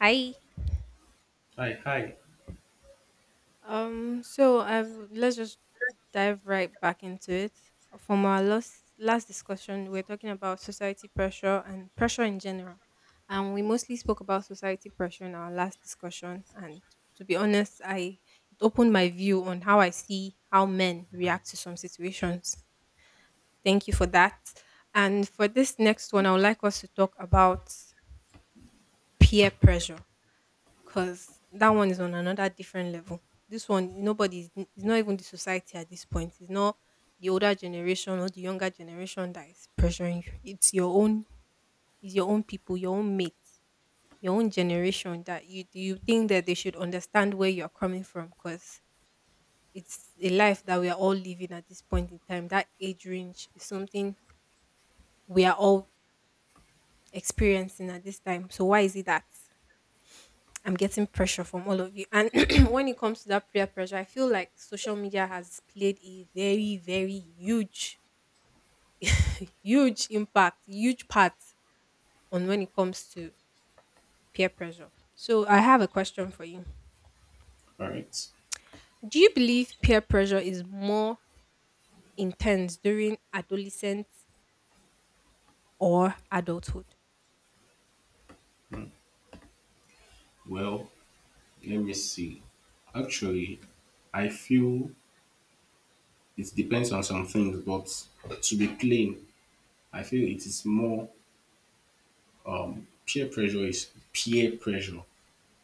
Hi. Hi, hi. So let's just dive right back into it. From our last discussion, we were talking about society pressure and pressure in general, and we mostly spoke about society pressure in our last discussion. And to be honest, I it opened my view on how I see how men react to some situations. Thank you for that. And for this next one, I would like us to talk about peer pressure. 'Cause that one is on another different level. This one, nobody is it's not even the society at this point. It's not the older generation or the younger generation that is pressuring you. It's your own people, your own mates, your own generation that you think that they should understand where you're coming from because it's a life that we are all living at this point in time. That age range is something we are all experiencing at this time. So why is it that I'm getting pressure from all of you? And when it comes to that peer pressure, I feel like social media has played a very, very huge, huge impact, huge part on when it comes to peer pressure. So I have a question for you. All right. Do you believe peer pressure is more intense during adolescence or adulthood? Well, let me see. Actually, I feel it depends on some things, but to be plain, I feel it is more peer pressure is peer pressure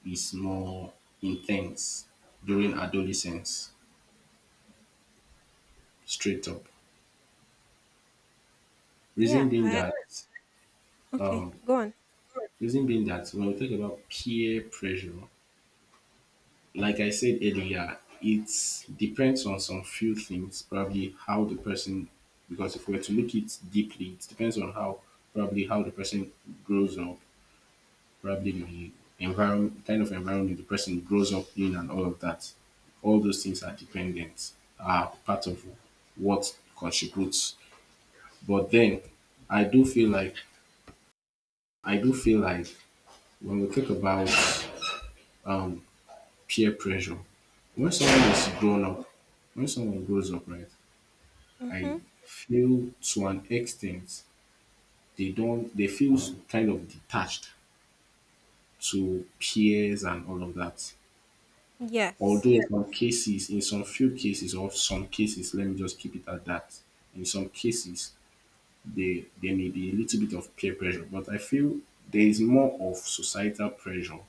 is more intense during adolescence, straight up. Yeah. Reason being that Okay. um Go on. When we talk about peer pressure, like I said earlier, it depends on some few things, probably how the person, because if we were to look it deeply, it depends on how, probably how the person grows up, probably the environment, kind of environment the person grows up in, and all of that. All those things are dependent, are part of what contributes. But then, I do feel like, I do feel like when we talk about um, peer pressure. When someone is grown up, when someone grows up, right, I Mm-hmm. feel to an extent they don't they feel kind of detached to peers and all of that. Yes. Although in, yeah, some cases, in some few cases or some cases, let me just keep it at that. In some cases, they there may be a little bit of peer pressure, but I feel there is more of societal pressure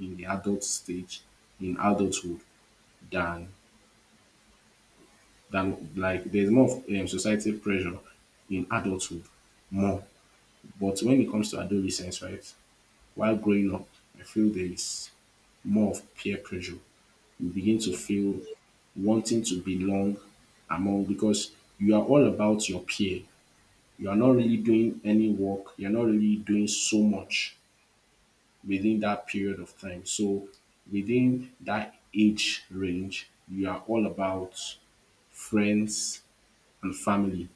in the adult stage, in adulthood, than like there's more of societal pressure in adulthood more. But when it comes to adolescence, right, while growing up, I feel there is more of peer pressure. You begin to Yeah. feel wanting to belong among, because you are all about your peer. You are not really doing any work. You're not really doing so much within that period of time. So within that age range, you are all about friends and family.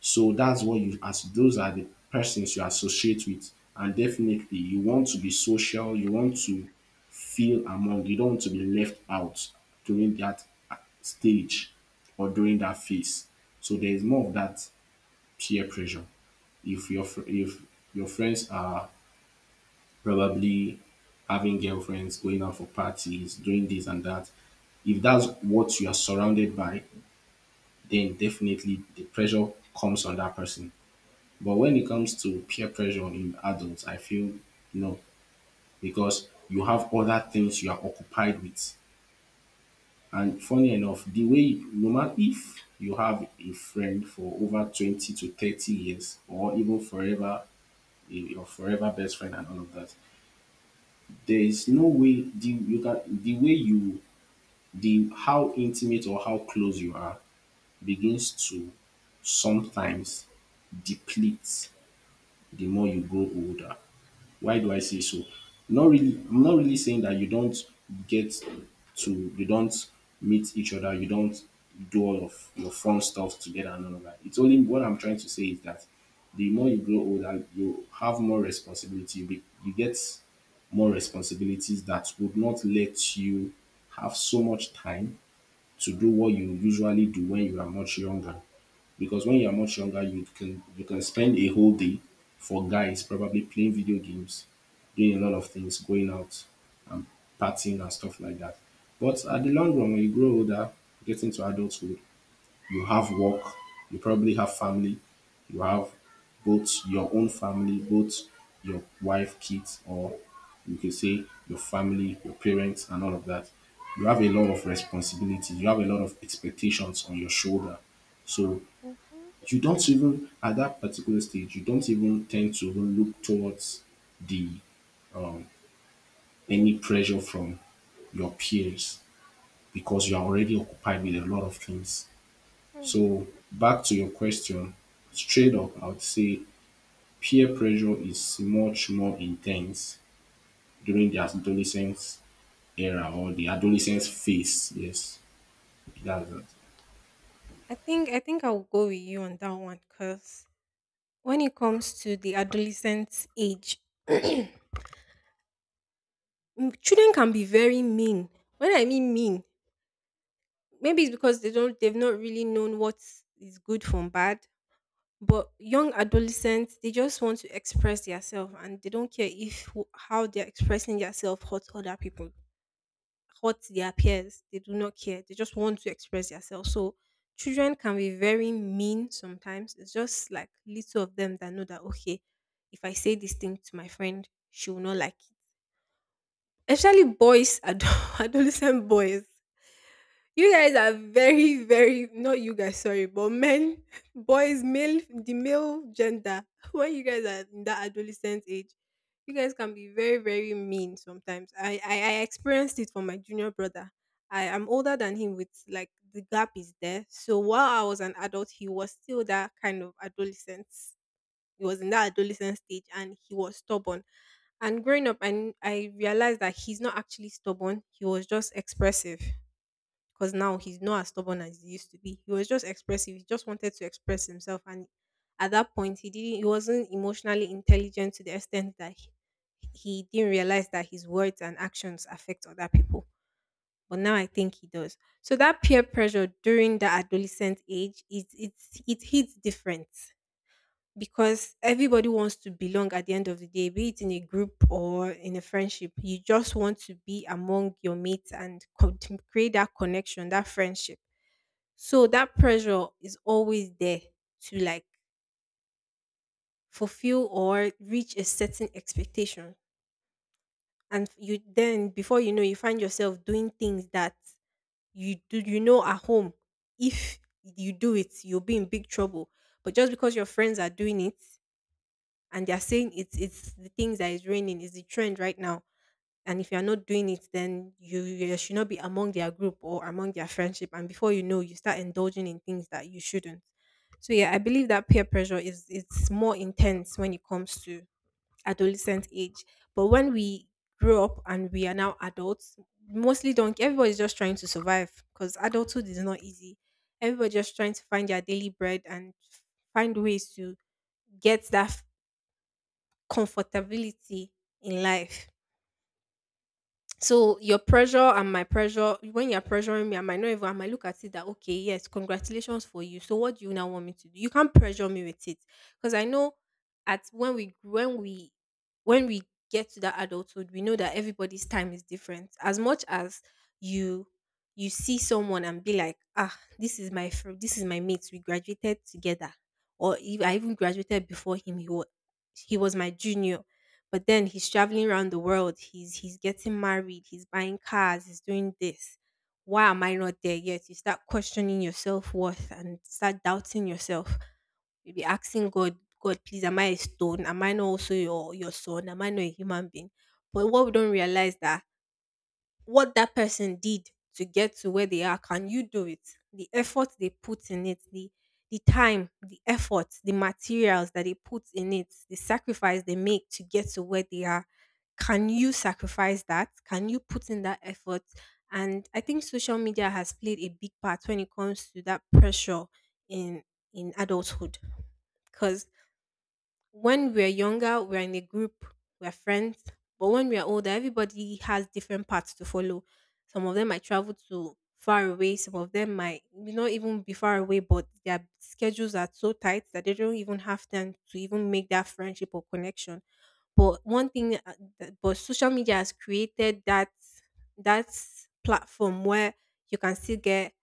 So that's what you as those are the persons you associate with. And definitely you want to be social, you want to feel among, you don't want to be left out during that stage or during that phase. So there is more of that peer pressure. If if your friends are probably having girlfriends, going out for parties, doing this and that, if that's what you are surrounded by, then definitely the pressure comes on that person. But when it comes to peer pressure in adults, I feel no, because you have other things you are occupied with. And funny enough, the way no matter if you have a friend for over 20 to 30 years or even forever, your forever best friend and all of that, there is no way the way you the how intimate or how close you are begins to sometimes deplete the more you grow older. Why do I say so? Not really I'm not really saying that get to you don't meet each other, you don't do all of your fun stuff together and all of that. It's only What I'm trying to say is that the more you grow older, you have more responsibility. You get more responsibilities that would not let you have so much time to do what you usually do when you are much younger, because when you are much younger you can spend a whole day, for guys probably playing video games, doing a lot of things, going out and partying and stuff like that. But at the long run, when you grow older, get into adulthood, you have work, you probably have family, you have both your own family, both your wife, kids, or you can say your family, your parents and all of that. You have a lot of responsibilities, you have a lot of expectations on your shoulder. So Mm-hmm. you don't even at that particular stage, you don't even tend to even look towards the any pressure from your peers, because you are already occupied with a lot of things. So back to your question, straight up I would say peer pressure is much more intense during the adolescence era or the adolescence phase. Yes, that's that. I think I will go with you on that one, because when it comes to the adolescent age, mm, children can be very mean. When I mean, maybe it's because they've not really known what is good from bad. But young adolescents, they just want to express themselves, and they don't care if how they're expressing themselves hurts other people, hurt their peers. They do not care. They just want to express themselves. So children can be very mean sometimes. It's just like little of them that know that, okay, if I say this thing to my friend, she will not like it. Especially boys, adolescent boys. You guys are very, very not you guys, sorry, but men, boys, male, the male gender. When you guys are in that adolescent age, you guys can be very, very mean sometimes. I experienced it from my junior brother. I am older than him, with like the gap is there. So while I was an adult, he was still that kind of adolescent. He was in that adolescent stage, and he was stubborn. And growing up, and I realized that he's not actually stubborn. He was just expressive, because now he's not as stubborn as he used to be. He was just expressive. He just wanted to express himself, and at that point, he didn't. He wasn't emotionally intelligent to the extent that he didn't realize that his words and actions affect other people. But now I think he does. So that peer pressure during the adolescent age is it's it hits different, because everybody wants to belong at the end of the day, be it in a group or in a friendship. You just want to be among your mates and to create that connection, that friendship, so that pressure is always there to like fulfill or reach a certain expectation. And you then before you know, you find yourself doing things that you do, at home. If you do it, you'll be in big trouble. But just because your friends are doing it and they're saying it's the things that is raining is the trend right now. And if you're not doing it, then you should not be among their group or among their friendship. And before you know, you start indulging in things that you shouldn't. So yeah, I believe that peer pressure is it's more intense when it comes to adolescent age. But when we grow up and we are now adults, mostly don't everybody's just trying to survive, because adulthood is not easy. Everybody just trying to find their daily bread and find ways to get that comfortability in life. So your pressure and my pressure, when you're pressuring me, I might not even, I might look at it that, okay, yes, congratulations for you. So what do you now want me to do? You can't pressure me with it. Because I know at when we when we get to that adulthood, we know that everybody's time is different. As much as you you see someone and be like, ah, this is my mate. We graduated together, or if I even graduated before him. He was my junior, but then he's traveling around the world. He's getting married. He's buying cars. He's doing this. Why am I not there yet? You start questioning your self worth and start doubting yourself. You'll be asking God, God, please, am I a stone? Am I not also your son? Am I not a human being? But what we don't realize that what that person did to get to where they are, can you do it? The effort they put in it, the time, the effort, the materials that they put in it, the sacrifice they make to get to where they are, can you sacrifice that? Can you put in that effort? And I think social media has played a big part when it comes to that pressure in in adulthood, because when we're younger, we're in a group, we're friends. But when we're older, everybody has different paths to follow. Some of them might travel to far away, some of them might not even be far away, but their schedules are so tight that they don't even have time to even make that friendship or connection. But one thing, that- but social media has created that platform where you can still get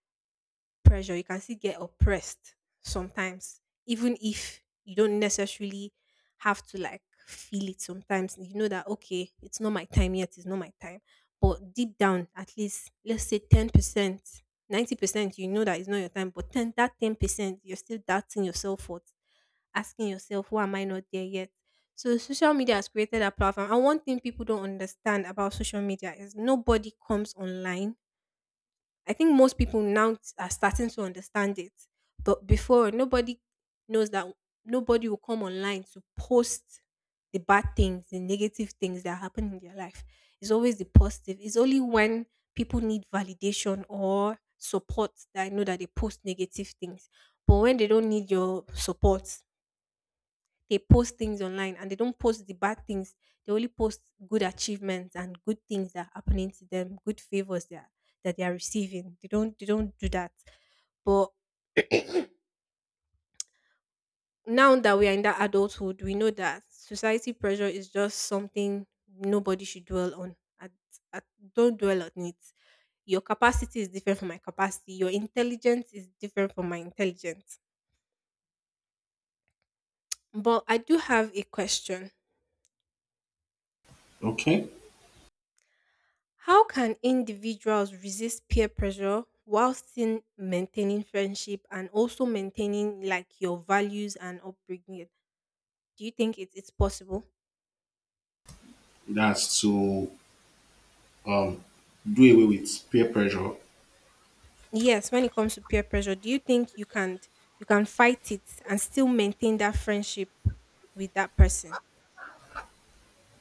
pressure. You can still get oppressed sometimes, even if you don't necessarily have to like feel it sometimes. You know that, okay, it's not my time yet, it's not my time. But deep down, at least, let's say 10%, 90%, you know that it's not your time. But 10, that 10%, you're still doubting yourself for asking yourself, why am I not there yet? So social media has created a platform. And one thing people don't understand about social media is nobody comes online. I think most people now are starting to understand it. But before, nobody knows that nobody will come online to post the bad things, the negative things that happen in their life. It's always the positive. It's only when people need validation or support that I know that they post negative things. But when they don't need your support, they post things online and they don't post the bad things. They only post good achievements and good things that are happening to them, good favors that that they are receiving. They don't do that. But now that we are in that adulthood, we know that society pressure is just something nobody should dwell on. At, don't dwell on it. Your capacity is different from my capacity. Your intelligence is different from my intelligence. But I do have a question. Okay, How can individuals resist peer pressure while still maintaining friendship and also maintaining like your values and upbringing? Do you think it's possible? that's to do away with peer pressure. Yes, when it comes to peer pressure, do you think you can fight it and still maintain that friendship with that person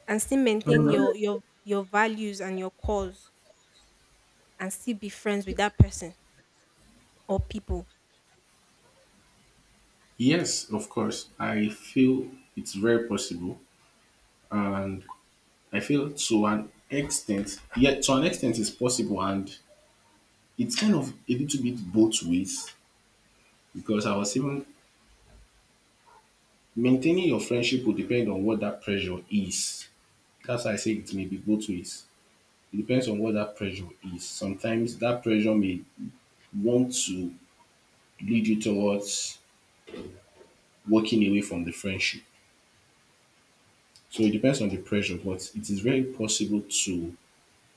and still maintain your values and your cause and still be friends with that person or people? Yes, of course. I feel it's very possible, and I feel to an extent, yeah, to an extent, it's possible, and it's kind of a little bit both ways because I was even maintaining your friendship will depend on what that pressure is. That's why I say it may be both ways. It depends on what that pressure is. Sometimes that pressure may want to lead you towards walking away from the friendship. So it depends on the pressure, but it is very possible to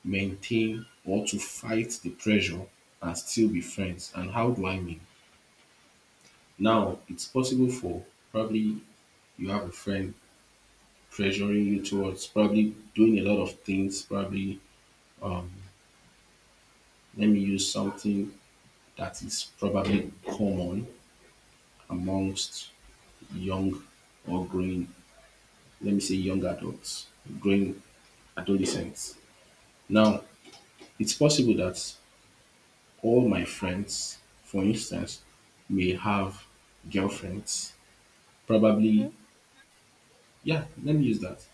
maintain or to fight the pressure and still be friends. And how do I mean? Now, it's possible for probably you have a friend pressuring you towards probably doing a lot of things. Probably, let me use something that is probably common amongst young or growing, let me say, young adults, growing adolescents. Now, it's possible that all my friends, for instance, may have girlfriends, probably. Mm-hmm, Yeah, let me use that.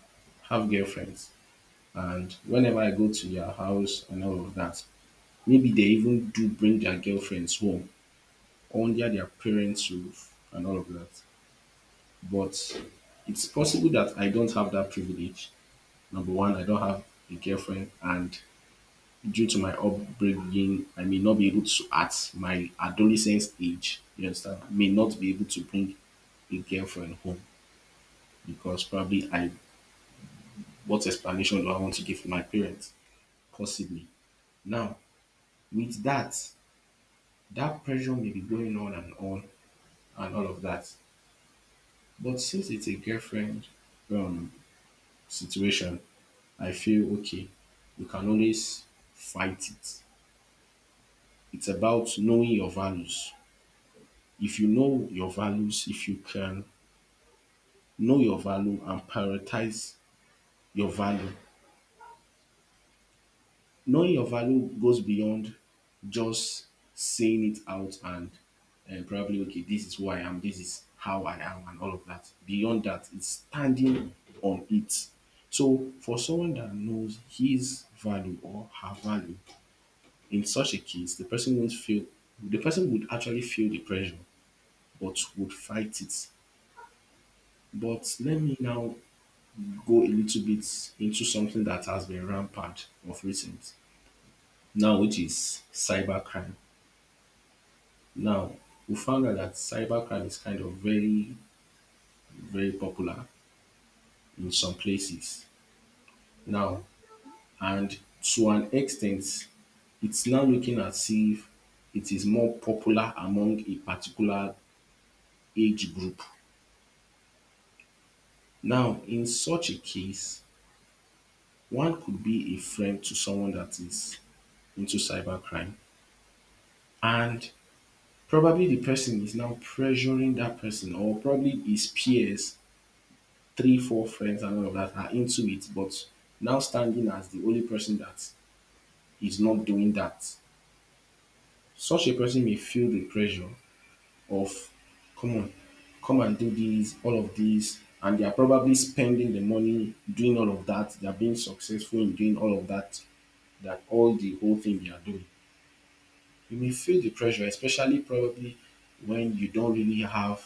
Have girlfriends. And whenever I go to their house and all of that, maybe they even do bring their girlfriends home under their parents' roof and all of that. But it's possible that I don't have that privilege. Number one, I don't have a girlfriend, and due to my upbringing, I may not be able to, at my adolescence age, you understand, may not be able to bring a girlfriend home because probably I what explanation do I want to give to my parents? Possibly. Now, with that, that pressure may be going on and all of that. But since it's a girlfriend um, situation, I feel okay, you can always fight it. It's about knowing your values. If you know your values, if you can know your value and prioritize your value, knowing your value goes beyond just saying it out and, probably, okay, this is who I am, this is how I am, and all of that. Beyond that, it's standing on it. So for someone that knows his value or her value, in such a case, the person won't feel the person would actually feel the pressure but would fight it. But let me now go a little bit into something that has been rampant of recent now, which is cybercrime. Now, we found out that cybercrime is kind of very, very popular in some places mm-hmm. now, and to an extent, it's now looking as if it is more popular among a particular age group. Now, in such a case, one could be a friend to someone that is into cybercrime, and probably the person is now pressuring that person, or probably his peers, three four friends and all of that, are into it. But now, standing as the only person that is not doing that, such a person may feel the pressure of, come on, come and do this, all of this, and they are probably spending the money, doing all of that, they are being successful in doing all of that, that all the whole thing they are doing. You may feel the pressure, especially probably when you don't really have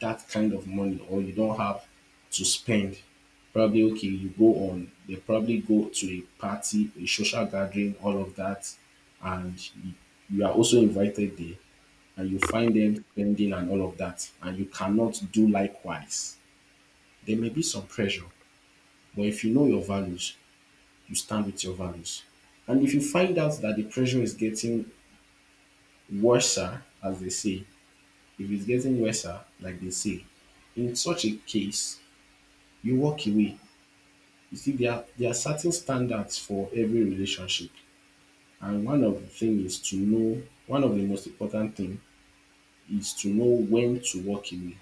that kind of money, or you don't have to spend. Probably okay, you go on, they probably go to a party, a social gathering, all of that, and you are also invited there, and you find them spending and all of that, and you cannot do likewise. There may be some pressure, but if you know your values, you stand with your values. And if you find out that the pressure is getting worse, as they say, if it's getting worse, like they say, in such a case, you walk away. You see, there are certain standards for every relationship. And one of the most important thing is to know when to walk away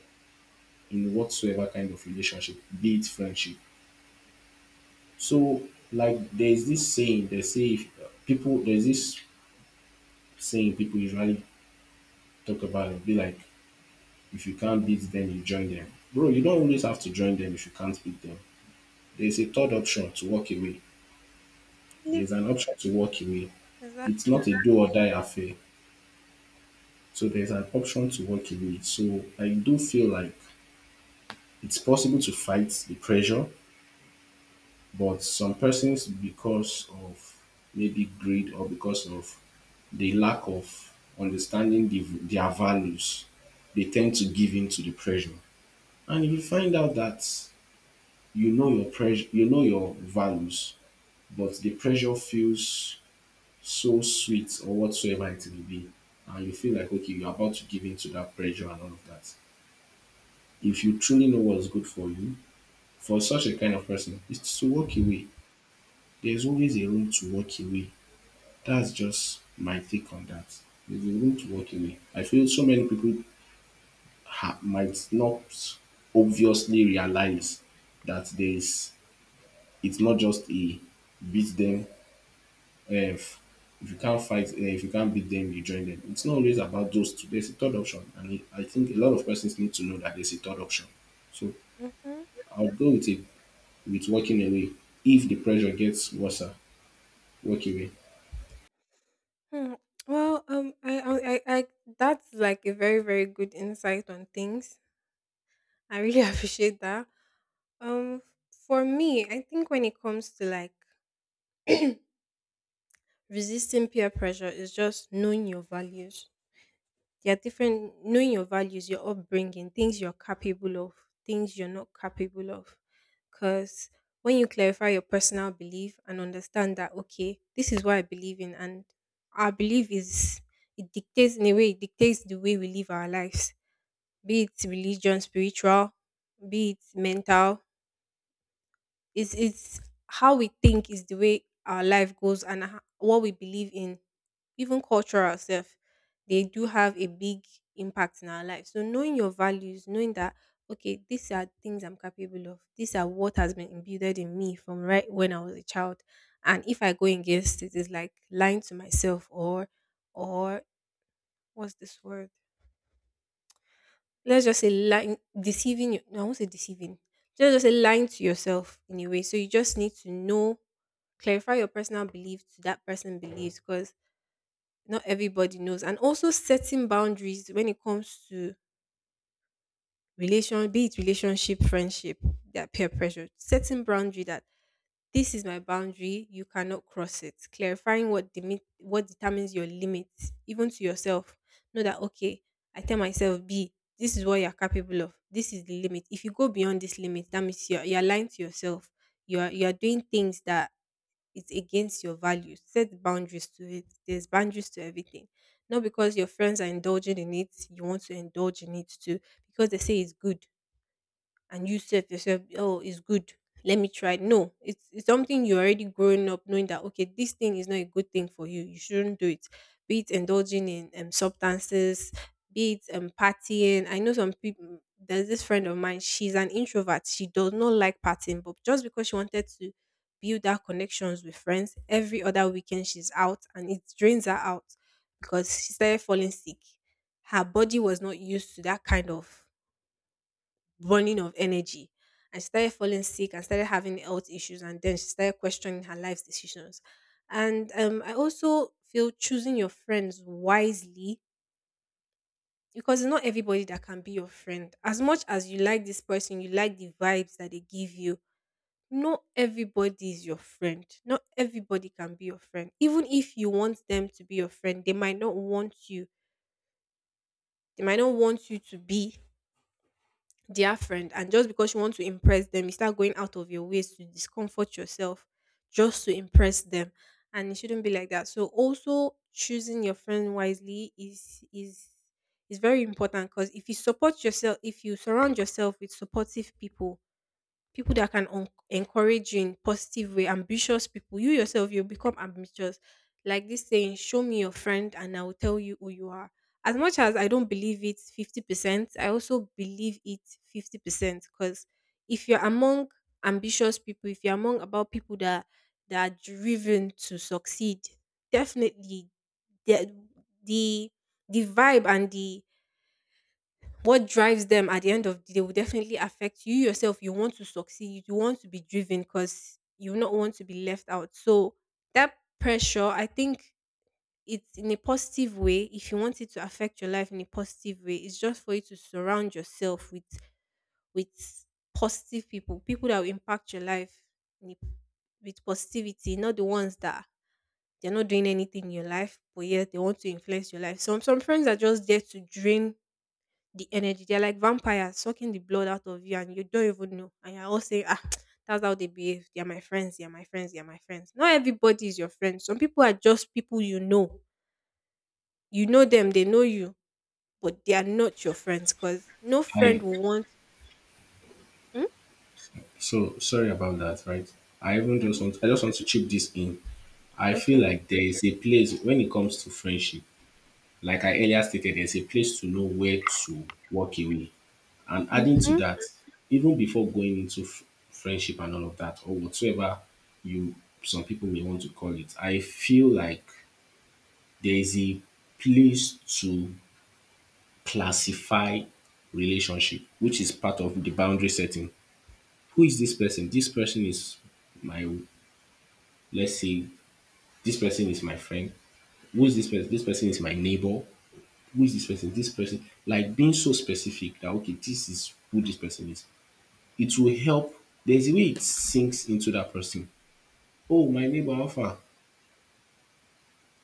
in whatsoever kind of relationship, be it friendship. So, like, there's this saying, they say, if people, there's this saying people usually talk about, it, be like, if you can't beat them, you join them. Bro, you don't always have to join them if you can't beat them. There's a third option to walk away. There's an option to walk away. It's Exactly. not a do or die affair. So there's an option to work away. So I do feel like it's possible to fight the pressure, but some persons, because of maybe greed or because of the lack of understanding their values, they tend to give in to the pressure. And if you find out that you know your pressure, you know your values, but the pressure feels so sweet or whatsoever it may be, and you feel like okay, you're about to give in to that pressure and all of that, if you truly know what's good for you, for such a kind of person, it's to walk away. There's always a room to walk away. That's just my take on that. There's a room to walk away. I feel so many people might not obviously realize that there's it's not just a beat them. eh, If, if you can't beat them, you join them. It's not always about those two. There's a third option, and I think a lot of persons need to know that there's a third option. So Mm-hmm. I'll go with it, with walking away. If the pressure gets worse, walk away. Hmm. Well, that's like a very, very good insight on things. I really appreciate that. Um, for me, I think when it comes to like resisting peer pressure, is just knowing your values. There are different knowing your values, your upbringing, things you're capable of, things you're not capable of. Because when you clarify your personal belief and understand that, okay, this is what I believe in, and our belief is, it dictates, in a way it dictates, the way we live our lives, be it religion, spiritual, be it mental. It's how we think is the way our life goes and what we believe in, even cultural self. They do have a big impact in our life. So knowing your values, knowing that, okay, these are things I'm capable of. These are what has been imbued in me from right when I was a child. And if I go against it, it's like lying to myself, or what's this word? Let's just say lying deceiving you no, I won't say deceiving. Let's just say lying to yourself in a way. So you just need to know clarify your personal belief to that person believes because not everybody knows. And also setting boundaries when it comes to relation, be it relationship, friendship, that peer pressure. Setting boundary that this is my boundary. You cannot cross it. Clarifying what determines your limits, even to yourself. Know that, okay, I tell myself B, this is what you're capable of. This is the limit. If you go beyond this limit, that means you're lying to yourself. You are doing things that is against your values. Set boundaries to it. There's boundaries to everything. Not because your friends are indulging in it, you want to indulge in it too. Because they say it's good and you said yourself, oh, it's good. Let me try it. No, it's something you're already growing up knowing that, okay, this thing is not a good thing for you. You shouldn't do it. Be it indulging in substances, be it partying. I know some people, there's this friend of mine, she's an introvert. She does not like partying, but just because she wanted to build her connections with friends, every other weekend she's out and it drains her out because she started falling sick. Her body was not used to that kind of burning of energy. And she started falling sick and started having health issues. And then she started questioning her life's decisions. And I also feel choosing your friends wisely because it's not everybody that can be your friend. As much as you like this person, you like the vibes that they give you. Not everybody is your friend. Not everybody can be your friend. Even if you want them to be your friend, they might not want you. They might not want you to be dear friend, and just because you want to impress them, you start going out of your ways to discomfort yourself just to impress them, and it shouldn't be like that. So also choosing your friend wisely is is very important, because if you support yourself, if you surround yourself with supportive people, people that can encourage you in positive way, ambitious people, you yourself, you become ambitious. Like this saying, show me your friend and I will tell you who you are. As much as I don't believe it 50%, I also believe it 50%, because if you're among ambitious people, if you're among about people that are driven to succeed, definitely the the, the vibe and the what drives them at the end of the day will definitely affect you yourself. You want to succeed, you want to be driven because you not want to be left out. So that pressure, I think, it's in a positive way. If you want it to affect your life in a positive way, it's just for you to surround yourself with positive people, people that will impact your life in a- with positivity, not the ones that they're not doing anything in your life, but yet they want to influence your life. Some friends are just there to drain the energy. They're like vampires sucking the blood out of you and you don't even know. And you're all saying, ah, that's how they behave. They're my friends, they're my friends, they're my friends. Not everybody is your friend. Some people are just people you know. You know them, they know you, but they are not your friends because no friend I will want. Mm? So sorry about that, right? Mm-hmm. I just want to chip this in. I feel Okay. like there is a place when it comes to friendship, like I earlier stated, there's a place to know where to walk away. And adding to Mm-hmm. that, even before going into friendship and all of that, or whatsoever you some people may want to call it, I feel like there is a place to classify relationship, which is part of the boundary setting. Who is this person? This person is my, let's say, this person is my friend. Who is this person? This person is my neighbor. Who is this person? This person. Like, being so specific that, okay, this is who this person is. It will help. There's a way it sinks into that person. Oh, my neighbor, how—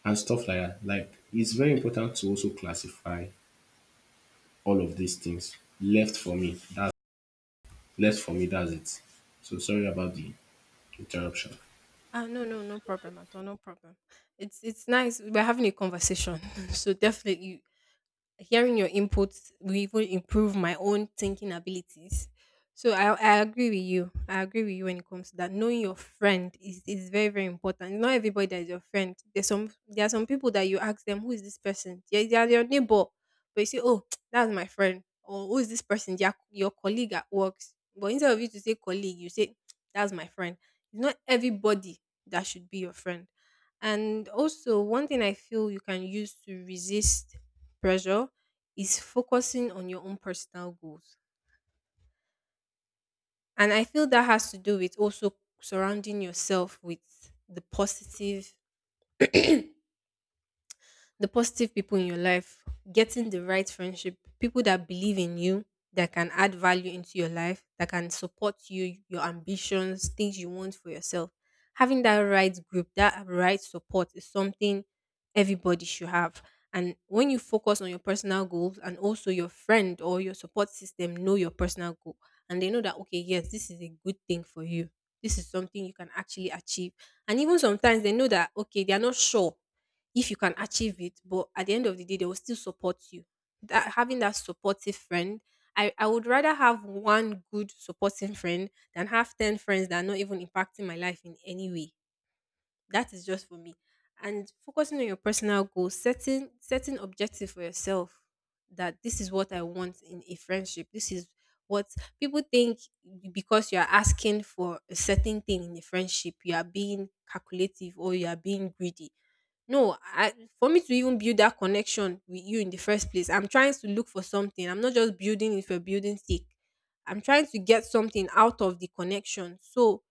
and stuff like that. Like, it's very important to also classify all of these things. Left for me. That's left for me. That's it. So sorry about the— Gotcha. Ah, no, no, no problem at all. No problem. It's nice. We're having a conversation. So definitely hearing your inputs will even improve my own thinking abilities. So I agree with you. I agree with you when it comes to that. Knowing your friend is very, very important. Not everybody that is your friend. There are some people that you ask them, who is this person? Yeah, they are your neighbor. But you say, oh, that's my friend. Or who is this person? Their your colleague at work. But instead of you to say colleague, you say that's my friend. It's not everybody that should be your friend. And also one thing I feel you can use to resist pressure is focusing on your own personal goals. And I feel that has to do with also surrounding yourself with the positive people in your life, getting the right friendship, people that believe in you, that can add value into your life, that can support you, your ambitions, things you want for yourself. Having that right group, that right support is something everybody should have. And when you focus on your personal goals and also your friend or your support system know your personal goal, and they know that, okay, yes, this is a good thing for you. This is something you can actually achieve. And even sometimes they know that, okay, they are not sure if you can achieve it, but at the end of the day, they will still support you. That having that supportive friend, I would rather have one good supporting friend than have 10 friends that are not even impacting my life in any way. That is just for me. And focusing on your personal goals, setting objective for yourself that this is what I want in a friendship. This is what people think because you are asking for a certain thing in a friendship, you are being calculative or you are being greedy. No, I for me to even build that connection with you in the first place, I'm trying to look for something. I'm not just building it for building's sake. I'm trying to get something out of the connection. So